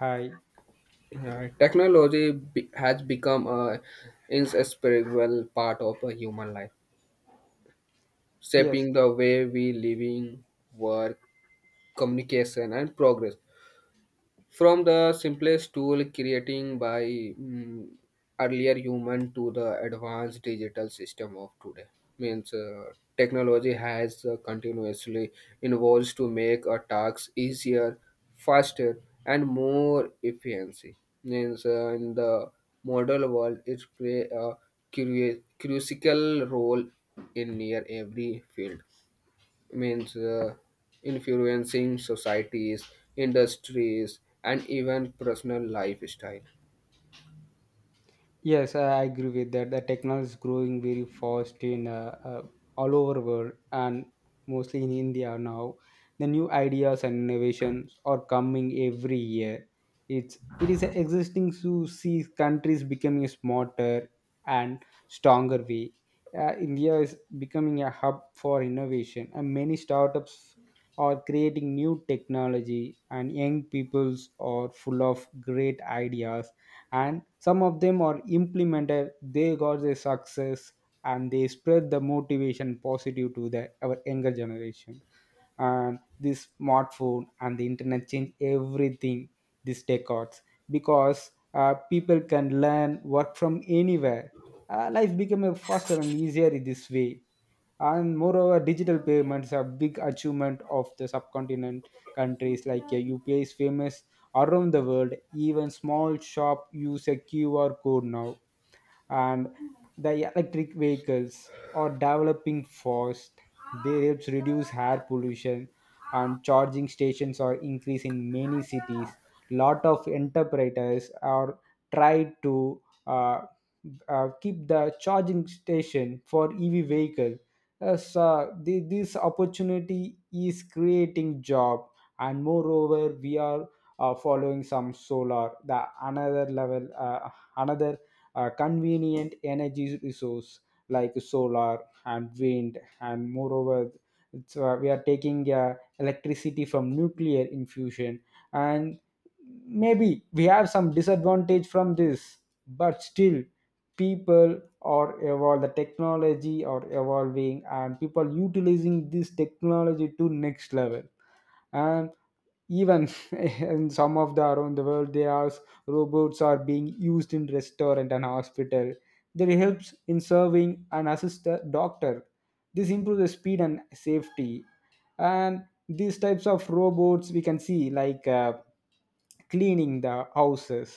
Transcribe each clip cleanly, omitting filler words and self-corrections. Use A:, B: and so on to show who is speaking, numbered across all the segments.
A: Hi.
B: Yeah, technology has become a inseparable part of a human life,
A: Yes,
B: shaping the way we living, work, communication, and progress from the simplest tool creating by earlier human to the advanced digital system of today means technology has continuously evolved to make our tasks easier faster and more efficiency means in the modern world it play a crucial role in near every field means influencing societies, industries, and even personal lifestyle.
A: yes, I agree with that. The technology is growing very fast in all over world and mostly in India now. The new ideas and innovations are coming every year. It is existing to see countries becoming smarter and stronger way. India is becoming a hub for innovation, and many startups are creating new technology, and young peoples are full of great ideas, and some of them are implemented, they got their success, and they spread the motivation positive to the our younger generation. And this smartphone and the internet change everything these decades, because people can learn work from anywhere. Life became a faster and easier in this way. And moreover digital payments are big achievement of the subcontinent countries like upi is famous around the world, even small shop use a qr code now. And the electric vehicles are developing fast. They helps reduce air pollution, and charging stations are increased in many cities. Lot of enterprises are try to keep the charging station for EV vehicle. So this opportunity is creating job, and moreover, we are following some solar, the another level, another convenient energy resource like solar and wind. And moreover, so we are taking electricity from nuclear infusion, and maybe we have some disadvantage from this, but still people are evolve, the technology are evolving, and people utilizing this technology to next level. And even in some of the around the world, they are robots are being used in restaurant and hospital. They helps in serving and assist the doctor. This improves the speed and safety. And these types of robots we can see like cleaning the houses.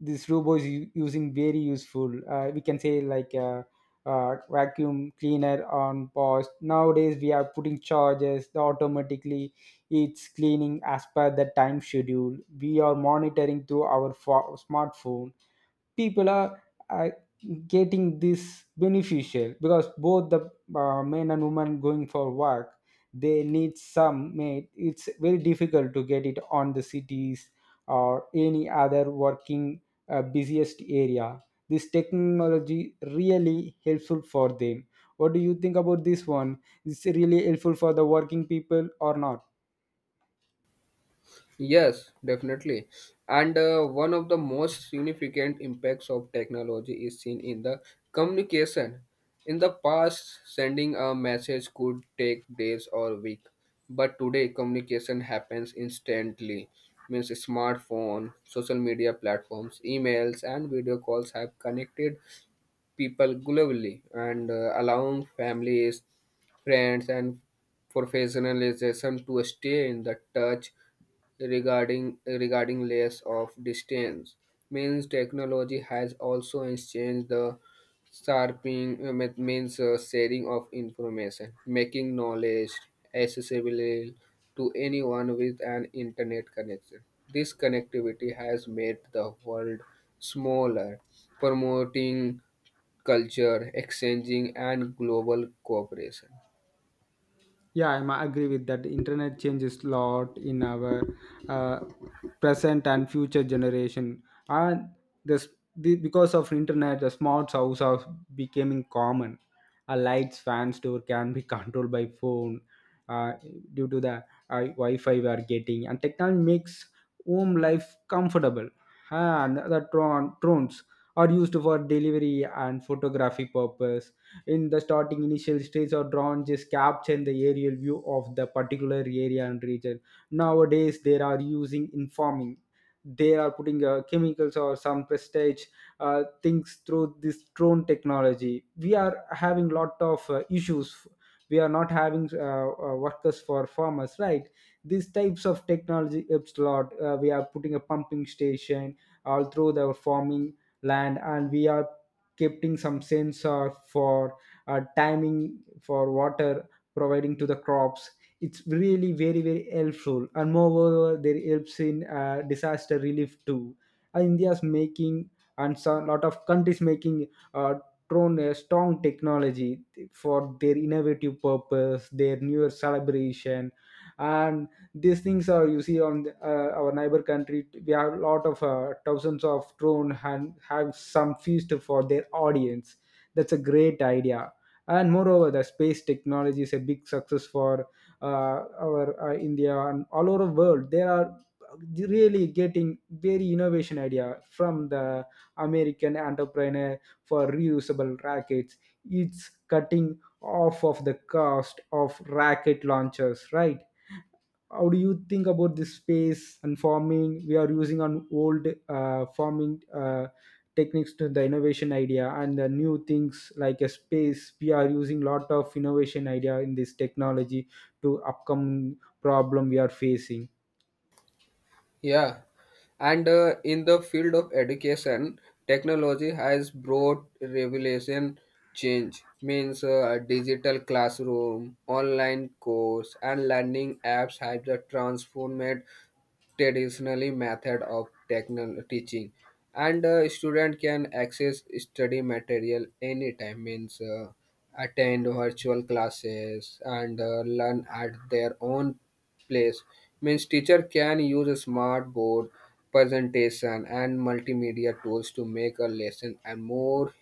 A: This robot is using very useful. We can say like a, vacuum cleaner on post. Nowadays we are putting charges. They automatically, it's cleaning as per the time schedule, we are monitoring through our smartphone. People are uh, getting this beneficial because both the men and women going for work, they need some mate, it's very difficult to get it on the cities or any other working busiest area. This technology really helpful for them. What do you think about this one? Is it really helpful for the working people or not?
B: Yes, definitely. And one of the most significant impacts of technology is seen in the communication. In the past, sending a message could take days or weeks, but today communication happens instantly. Means smartphone, social media platforms, emails, and video calls have connected people globally and allowing families, friends, and professionalization to stay in the touch regarding layers of distance means technology has also changed the sharpening means sharing of information making knowledge accessible to anyone with an internet connection. This connectivity has made the world smaller, promoting culture, exchanging, and global cooperation.
A: Yeah, agree with that. Internet changes lot in our uh, present and future generation, and this because of internet, the smart house are becoming common. A lights, fans, door can be controlled by phone, uh, due to the Wi-Fi we are getting, and technology makes home life comfortable. And the drones are used for delivery and photography purpose. In the starting initial stage, or drawn just capture the aerial view of the particular area and region. Nowadays they are using informing, they are putting chemicals or some prestige things through this drone technology. We are having lot of issues, we are not having workers for farmers, right? These types of technology helps a lot. We are putting a pumping station all through the farming land, and we are keeping some sensor for timing for water providing to the crops. It's really very very helpful, and moreover there helps in disaster relief too. India's making, and a lot of countries making uh, thrown a strong technology for their innovative purpose, their newer celebration. And these things are you see on the, our neighbor country we have a lot of thousands of drone and have some feast for their audience. That's a great idea. And moreover the space technology is a big success for uh, our india and all over the world. There are really getting very innovation idea from the american entrepreneur for reusable rackets. It's cutting off of the cost of racket launchers, right? How do you think about this space and farming? We are using on old farming techniques to the innovation idea and the new things like a space. We are using lot of innovation idea in this technology to upcoming problem we are facing.
B: Yeah, and in the field of education, technology has brought revelation change. Means digital classroom, online course, and learning apps have the transformed traditionally method of technical teaching and student can access study material anytime means attend virtual classes and learn at their own place. Means teacher can use a smart board presentation and multimedia tools to make a lesson and more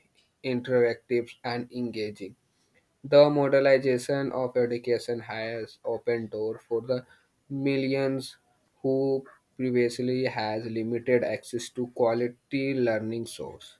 B: interactive and engaging. The modernization of education has opened door for the millions who previously has limited access to quality learning source.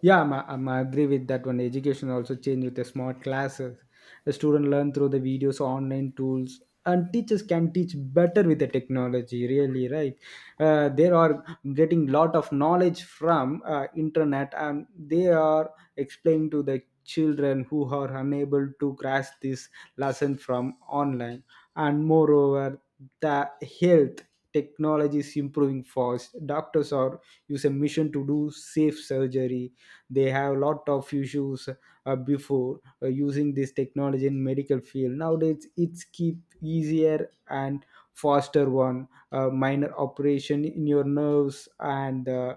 A: Yeah, I'm agree with that one. Education also change with the smart classes. The student learn through the videos, online tools, and teachers can teach better with the technology. Really, right? They are getting lot of knowledge from internet, and they are explaining to the children who are unable to grasp this lesson from online. And moreover, the health technology is improving fast. Doctors are use a mission to do safe surgery. They have lot of issues before using this technology in medical field. Nowadays it's keep easier and faster one, minor operation in your nerves and uh,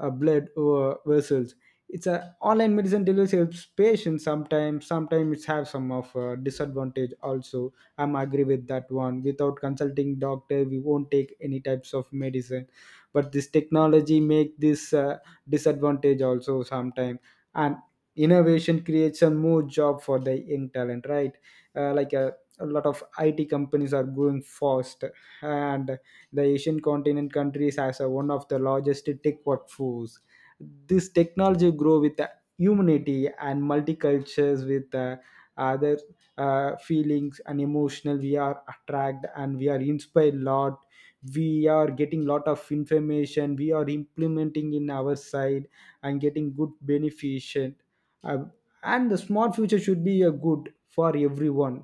A: uh, blood vessels. It's a online medicine delivery helps patients. Sometimes, sometimes it's have some of disadvantage also. I'm agree with that one, without consulting doctor we won't take any types of medicine. But this technology make this disadvantage also sometime. And innovation creates a more job for the young talent, right? Like a lot of it companies are growing fast. And the asian continent countries has a, one of the largest tech workforce. This technology grow with the humanity and multicultures with other feelings and emotional. We are attracted and we are inspired a lot. We are getting lot of information, we are implementing in our side and getting good beneficent. Uh, and the smart future should be a good for everyone.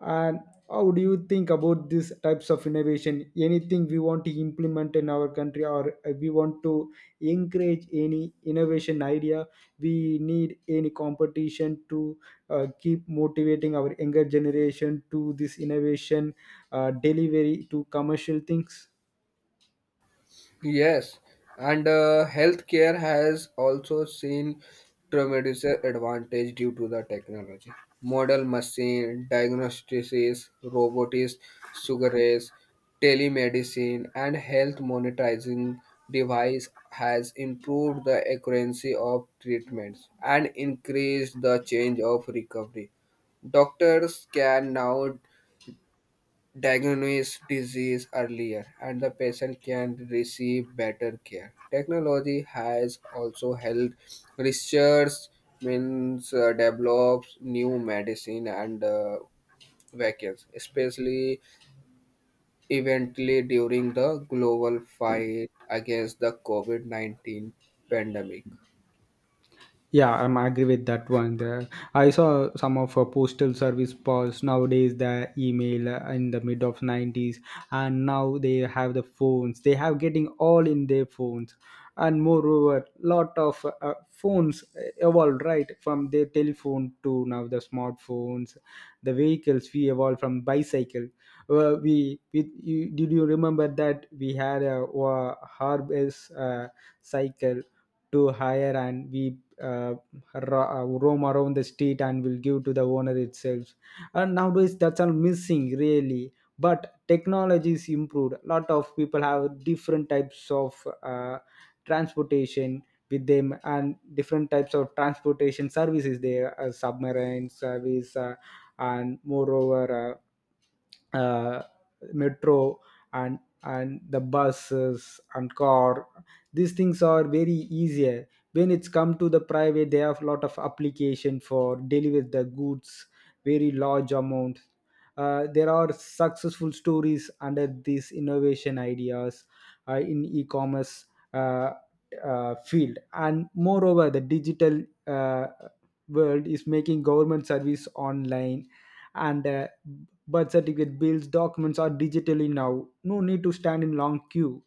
A: And how do you think about these types of innovation? Anything we want to implement in our country, or we want to encourage any innovation idea? We need any competition to keep motivating our younger generation to this innovation, delivery to commercial things?
B: Yes, and healthcare has also seen tremendous advantage due to the technology. Model machine, diagnostics, robotics, sugar rays, telemedicine, and health monitoring device has improved the accuracy of treatments and increased the change of recovery. Doctors can now diagnose disease earlier and the patient can receive better care. Technology has also helped research means develops new medicine and vaccines, especially eventually during the global fight against the COVID-19 pandemic.
A: Yeah, I'm agree with that one. The, I saw some of postal service pause nowadays. The email in the mid of nineties, and now they have the phones. They have getting all in their phones, and moreover, lot of phones evolved right from their telephone to now the smartphones. The vehicles we evolved from bicycle. Did you remember that we had a, harvest cycle to hire, and we uh, roam around the street and will give to the owner itself. And nowadays that's all missing, really. But technology is improved, a lot of people have different types of transportation with them, and different types of transportation services there, submarine service. Uh, and moreover uh, uh, metro and the buses and car. These things are very easier when it's come to the private. They have a lot of application for deliver the goods, very large amount. There are successful stories under these innovation ideas in e-commerce uh, field. And moreover the digital world is making government service online, and birth certificate, bills, documents are digitally now, no need to stand in long queue.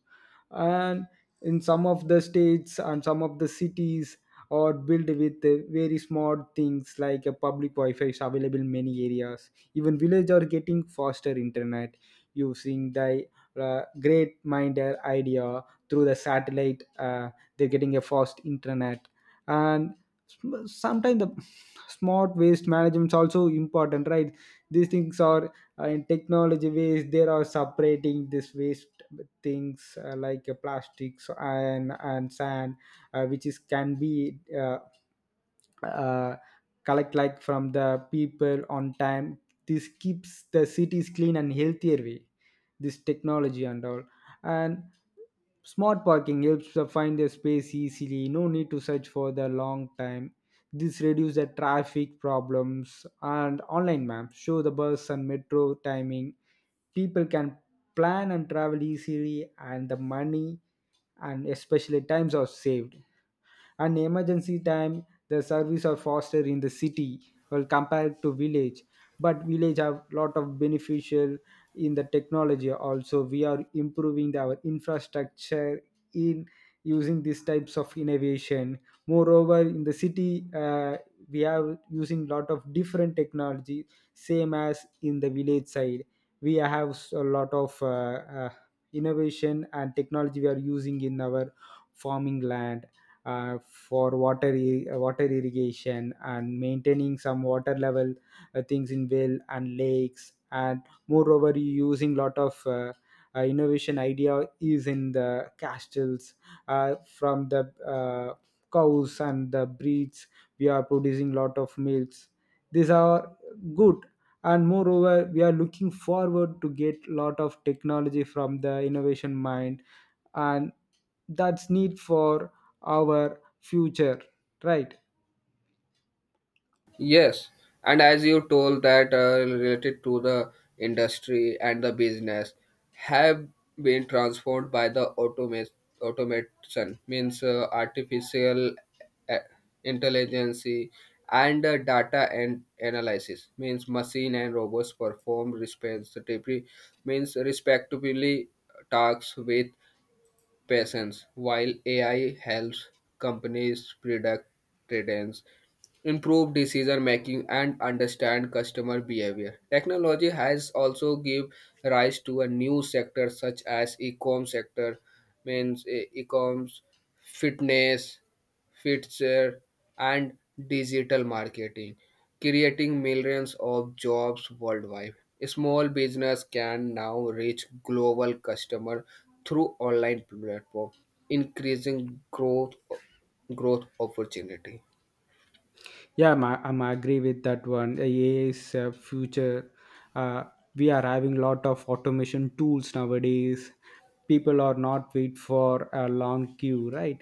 A: And in some of the states and some of the cities are built with very smart things like a public wi-fi is available in many areas. Even village are getting faster internet using the great minder idea through the satellite. They're getting a fast internet. And sometimes the smart waste management is also important, right? These things are in technology ways they are separating this waste things like plastics and sand, which is can be uh, collect like from the people on time. This keeps the cities clean and healthier way, this technology and all. And smart parking helps to find the space easily, no need to search for the long time. This reduces the traffic problems, and online maps show the bus and metro timing. People can plan and travel easily, and the money and especially times are saved. And emergency time the service are faster in the city, well compared to village. But village have lot of beneficial in the technology also. We are improving our infrastructure in using these types of innovation. Moreover in the city, we are using lot of different technology. Same as in the village side, we have a lot of uh, innovation and technology we are using in our farming land, for water irrigation and maintaining some water level things in well and lakes. And moreover using lot of innovation idea is in the castles, from the cows and the breeds, we are producing lot of milks. These are good. And moreover we are looking forward to get lot of technology from the innovation mind, and that's need for our future, right?
B: Yes, and as you told that related to the industry and the business have been transformed by the automate automation means artificial uh, intelligence and data and analysis means machine and robots perform respectively means respectively tasks with patience. While AI helps companies predict trends, improve decision making, and understand customer behavior, technology has also give rise to a new sector such as e-com sector, means e-coms, fitness, fixture and digital marketing, creating millions of jobs worldwide. Small business can now reach global customer through online platform, increasing growth opportunity.
A: Yeah, I'm agree with that one. AI is future. Uh, we are having lot of automation tools nowadays. People are not wait for a long queue, right?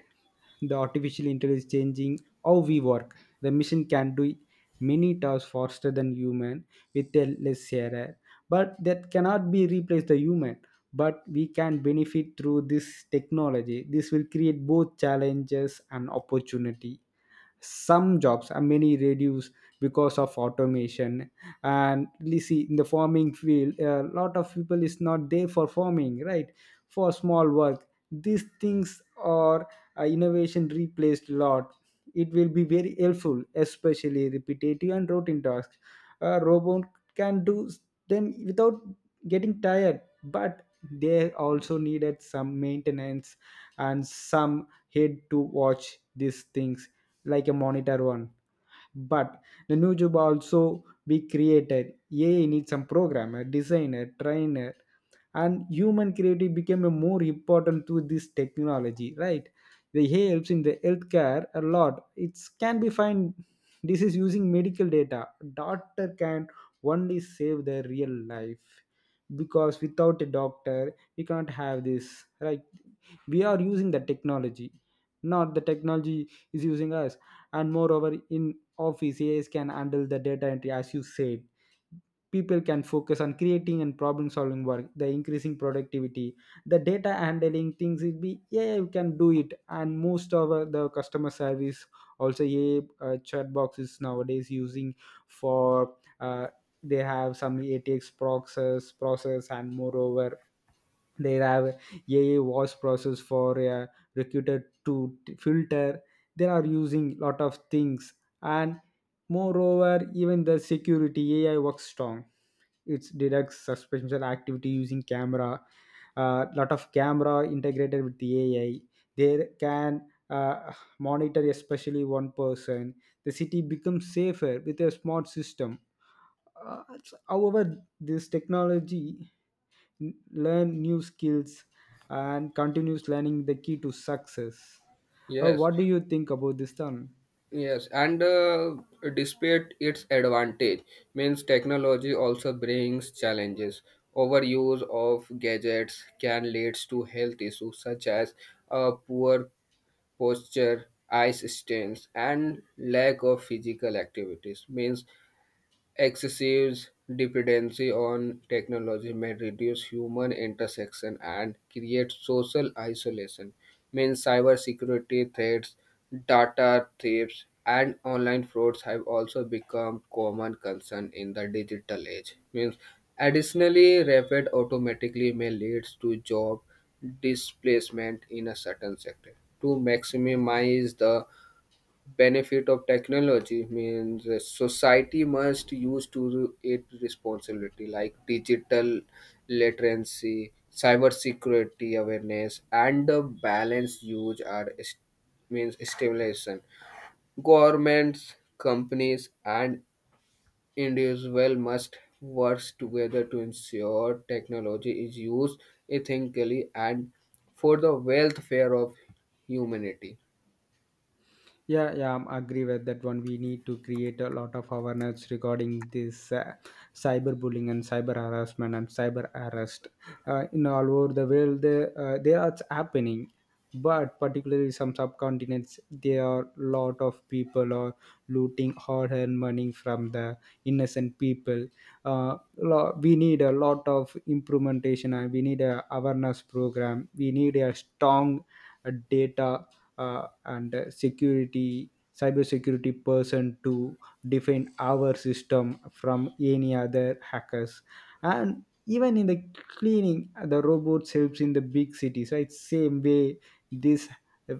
A: The artificial intelligence changing how we work. The machine can do many tasks faster than human with a less error, but that cannot be replaced the human. But we can benefit through this technology. This will create both challenges and opportunity, some jobs are many reduced because of automation. And you see in the farming field a lot of people is not there for farming, right? For small work these things are, innovation replaced a lot. It will be very helpful especially repetitive and routine tasks. A robot can do them without getting tired, but they also needed some maintenance, and some hate to watch these things, like a monitor one. But the new job also be created. AI needs some programmer, designer, trainer, and human creativity became a more important to this technology, right? The AI helps in the healthcare a lot. It can be find this is using medical data. Doctor can only save their real life, because without a doctor we can't have this, right? We are using the technology, not the technology is using us. And moreover in office ais can handle the data entry, as you said, people can focus on creating and problem solving work, the increasing productivity. The data handling things will be, yeah, you can do it. And most of the customer service also, yeah, chat boxes nowadays using for they have some atx process. And moreover they have ai voice process for a recruiter to filter. They are using lot of things. And moreover even the security ai works strong. It detects suspicious activity using camera. Lot of camera integrated with the ai. They can uh, monitor especially one person. The city becomes safer with a smart system. However this technology, n- learn new skills, and continuous learning the key to success.
B: Yes,
A: What do you think about this, Tan?
B: yes, and despite its advantage, means technology also brings challenges. Overuse of gadgets can lead to health issues such as poor posture, eye stains, and lack of physical activities means excessive dependency on technology may reduce human intersection and create social isolation. Means cybersecurity threats, data thieves, and online frauds have also become common concern in the digital age. Means additionally, rapid automatically may lead to job displacement in a certain sector. To maximize the benefit of technology means society must use to it responsibility like digital literacy, cyber security awareness and the balanced use are means stimulation. Governments, companies and individuals must work together to ensure technology is used ethically and for the welfare of humanity.
A: Yeah, yeah, I'm agree with that one. We need to create a lot of awareness regarding this cyberbullying and cyber harassment and cyber arrest. In all over the world, they are happening, but particularly some subcontinents, there are lot of people are looting hard-earned money from the innocent people. We need a lot of implementation, and we need a awareness program. We need a strong data and security cybersecurity person to defend our system from any other hackers. And even in the cleaning the robots helps in the big cities, right? Same way this,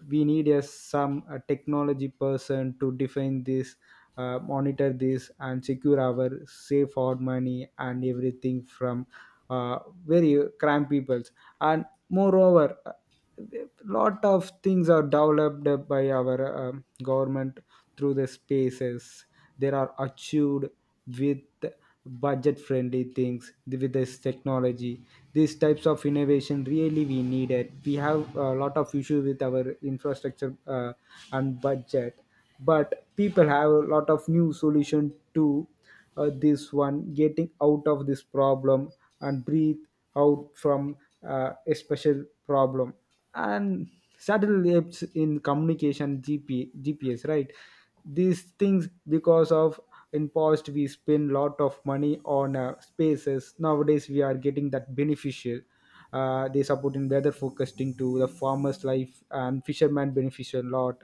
A: we need a some a technology person to defend this, monitor this and secure our safe our money and everything from uh, very crime peoples. And moreover lot of things are developed by our government through the spaces they are achieved with budget friendly things with this technology. These types of innovation really we need it. We have a lot of issue with our infrastructure, and budget, but people have a lot of new solution to this one, getting out of this problem and breathe out from a special problem. And satellites in communication, GP, gps, right? These things because of in past we spend lot of money on spaces, nowadays we are getting that beneficial. They support in weather forecasting to the farmers life and fishermen benefits a lot.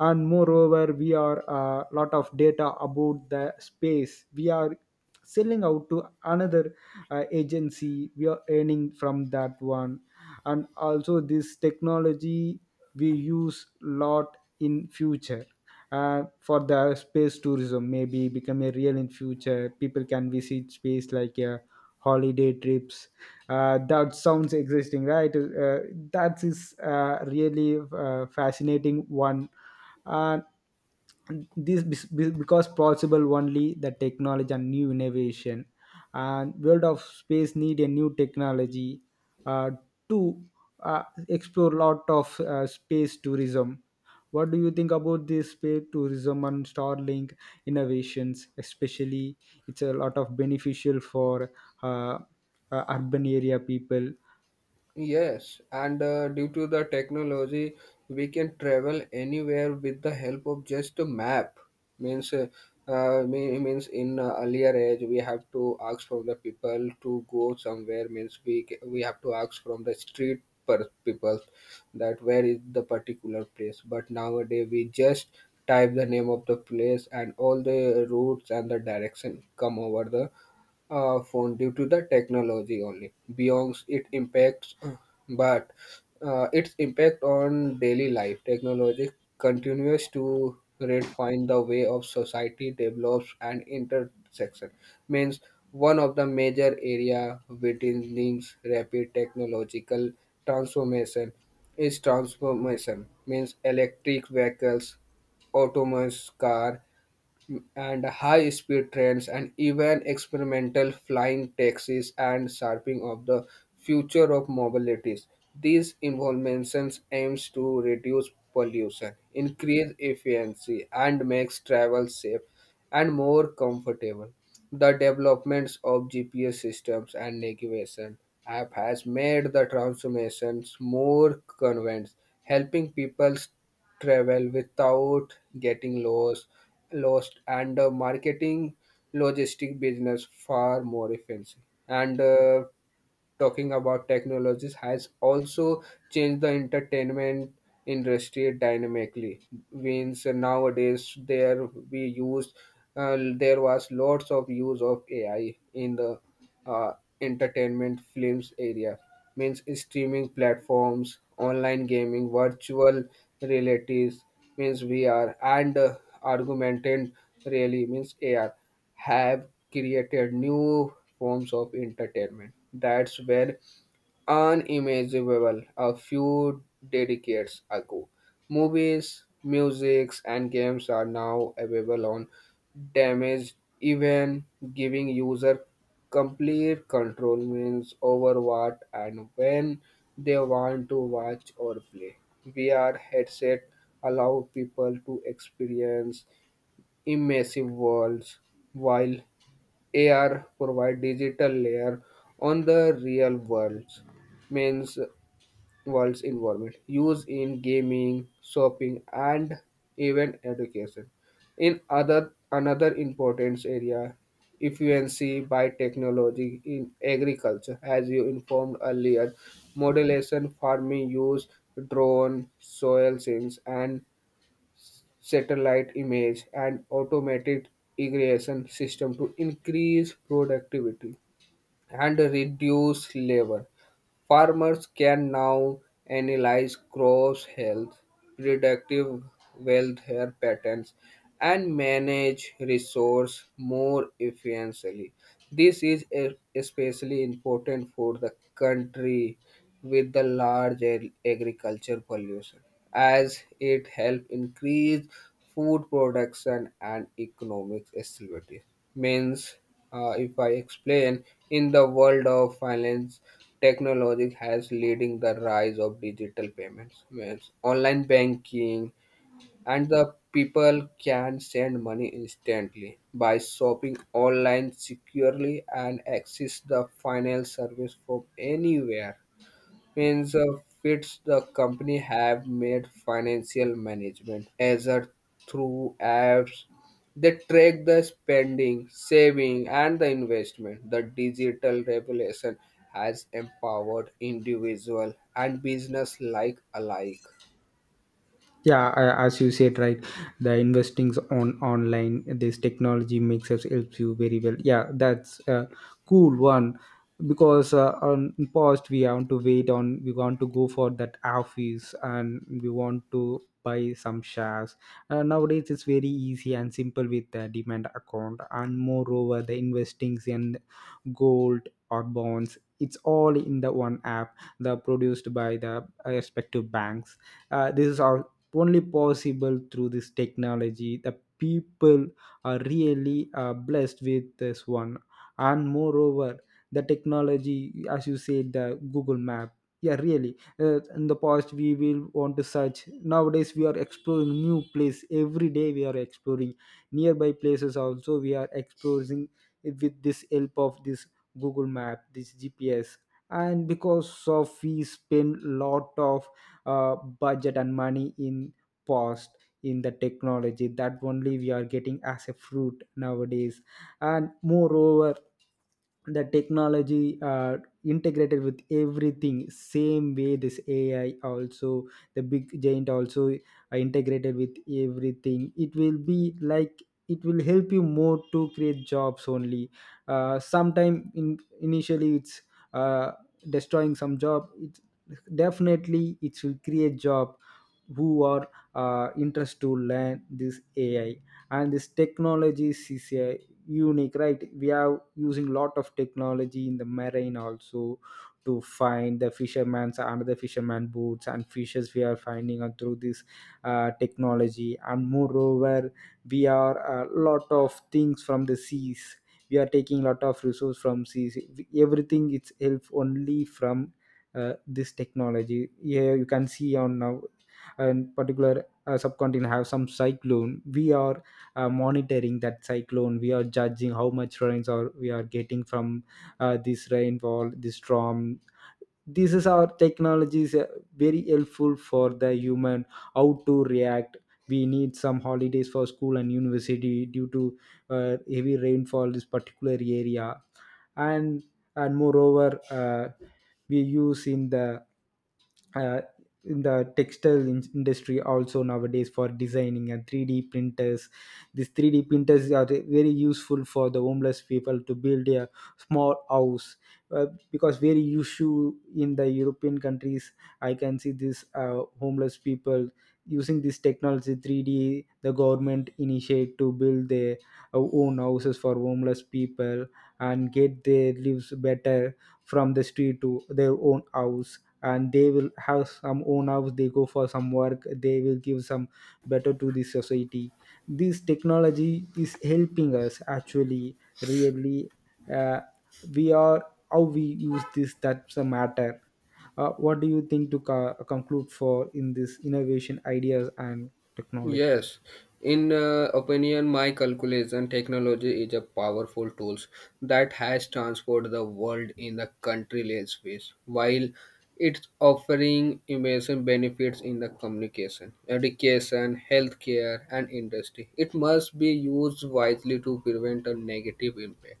A: And moreover we are a lot of data about the space we are selling out to another agency, we are earning from that one. And also this technology we use lot in future for the space tourism. Maybe become a real in future people can visit space like holiday trips. That sounds existing, right? That is really fascinating one. uh, this because possible only the technology and new innovation, and world of space need a new technology uh, too explore lot of space tourism. What do you think about this space tourism and Starlink innovations? Especially, it's a lot of beneficial for uh, urban area people.
B: Yes, and due to the technology, we can travel anywhere with the help of just a map. Means, means in earlier age, we have to ask from the people to go somewhere. Means we have to ask from the street per people that where is the particular place. But nowadays, we just type the name of the place and all the routes and the direction come over the phone due to the technology only. Beyond it impacts, but its impact on daily life. Technology continues to redefine the way of society develops and intersection. Means one of the major area witnessing rapid technological transformation is transformation. Means electric vehicles, autonomous car, and high speed trains and even experimental flying taxis and shaping of the future of mobilities. These innovations aims to reduce pollution, increase efficiency and makes travel safe and more comfortable. The developments of GPS systems and navigation app has made the transformations more convenient, helping people travel without getting lost and marketing logistic business far more efficient and talking about technologies has also changed the entertainment industry dynamically. Means nowadays there we use there was lots of use of ai in the uh, entertainment films area. Means streaming platforms, online gaming, virtual realities means vr and augmented really means ar have created new forms of entertainment that were unimaginable a few decades ago. Movies, music, and games are now available on damage, even giving user complete control means over what and when they want to watch or play. VR headset allow people to experience immersive worlds while AR provide digital layer on the real means world's environment used in gaming, shopping and even education. In other another important area efficiency by technology in agriculture as you informed earlier, modulation farming use drone soil sense and satellite image, and automated irrigation system to increase productivity and reduce labor. Farmers can now analyze crops' health, productive welfare patterns, and manage resource more efficiently. This is especially important for the country with the large agriculture pollution as it help increase food production and economic stability. Means if I explain in the world of finance, technology has leading the rise of digital payments means online banking, and the people can send money instantly by shopping online securely and access the final service from anywhere. Means fits the company have made financial management as a through apps, they track the spending, saving and the investment. The digital revolution has empowered individual and business like alike.
A: Yeah, as you said, right? The investings on online this technology makes us helps you very well. Yeah, that's a cool one, because on past we want to wait on, we want to go for that office and we want to buy some shares. Nowadays it's very easy and simple with the demand account. And moreover the investings in gold or bonds, it's all in the one app the produced by the respective banks. This is all only possible through this technology. The people are really blessed with this one. And moreover the technology, as you said, the google map, yeah, really, in the past we will want to search, nowadays we are exploring new place every day, we are exploring nearby places also, we are exploring it with this help of this google map, this gps. And because of we spend lot of budget and money in past in the technology, that only we are getting as a fruit nowadays. And moreover the technology integrated with everything, same way this ai also, the big giant also are integrated with everything. It will be like, it will help you more to create jobs only. Sometime in initially it's uh, destroying some job. It definitely it will create job, who are interest to learn this ai. And this technology is a unique, right? We are using lot of technology in the marine also, to find the fishermen's and the fisherman boots and fishes we are finding out through this technology. And moreover we are a lot of things from the seas, we are taking lot of resource from seas, everything it's help only from this technology. Yeah, you can see on now. And particular subcontinent have some cyclone, we are monitoring that cyclone, we are judging how much rains are we are getting from this rainfall, this storm. This is our technology is very helpful for the human, how to react. We need some holidays for school and university due to heavy rainfall this particular area. and and moreover we use uh, in the textile industry also nowadays for designing and 3D printers. These 3D printers are very useful for the homeless people to build a small house. Uh, because very usual in the european countries, I can see this homeless people using this technology, 3D the government initiate to build their own houses for homeless people, and get their lives better from the street to their own house. And they will have some own house, they go for some work, they will give some better to the society. This technology is helping us actually really, uh, we are how we use this, that's a matter. What do you think to conclude for in this innovation ideas and technology?
B: Yes, in opinion, my calculation technology is a powerful tools that has transformed the world in the countryless ways, while it's offering immense benefits in the communication, education, healthcare, and industry. It must be used wisely to prevent a negative impact.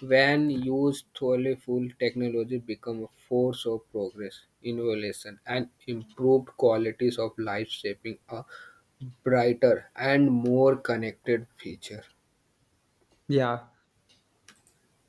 B: When used thoroughly, full technology become a force of progress, innovation, and improved qualities of life, shaping a brighter and more connected future.
A: Yeah.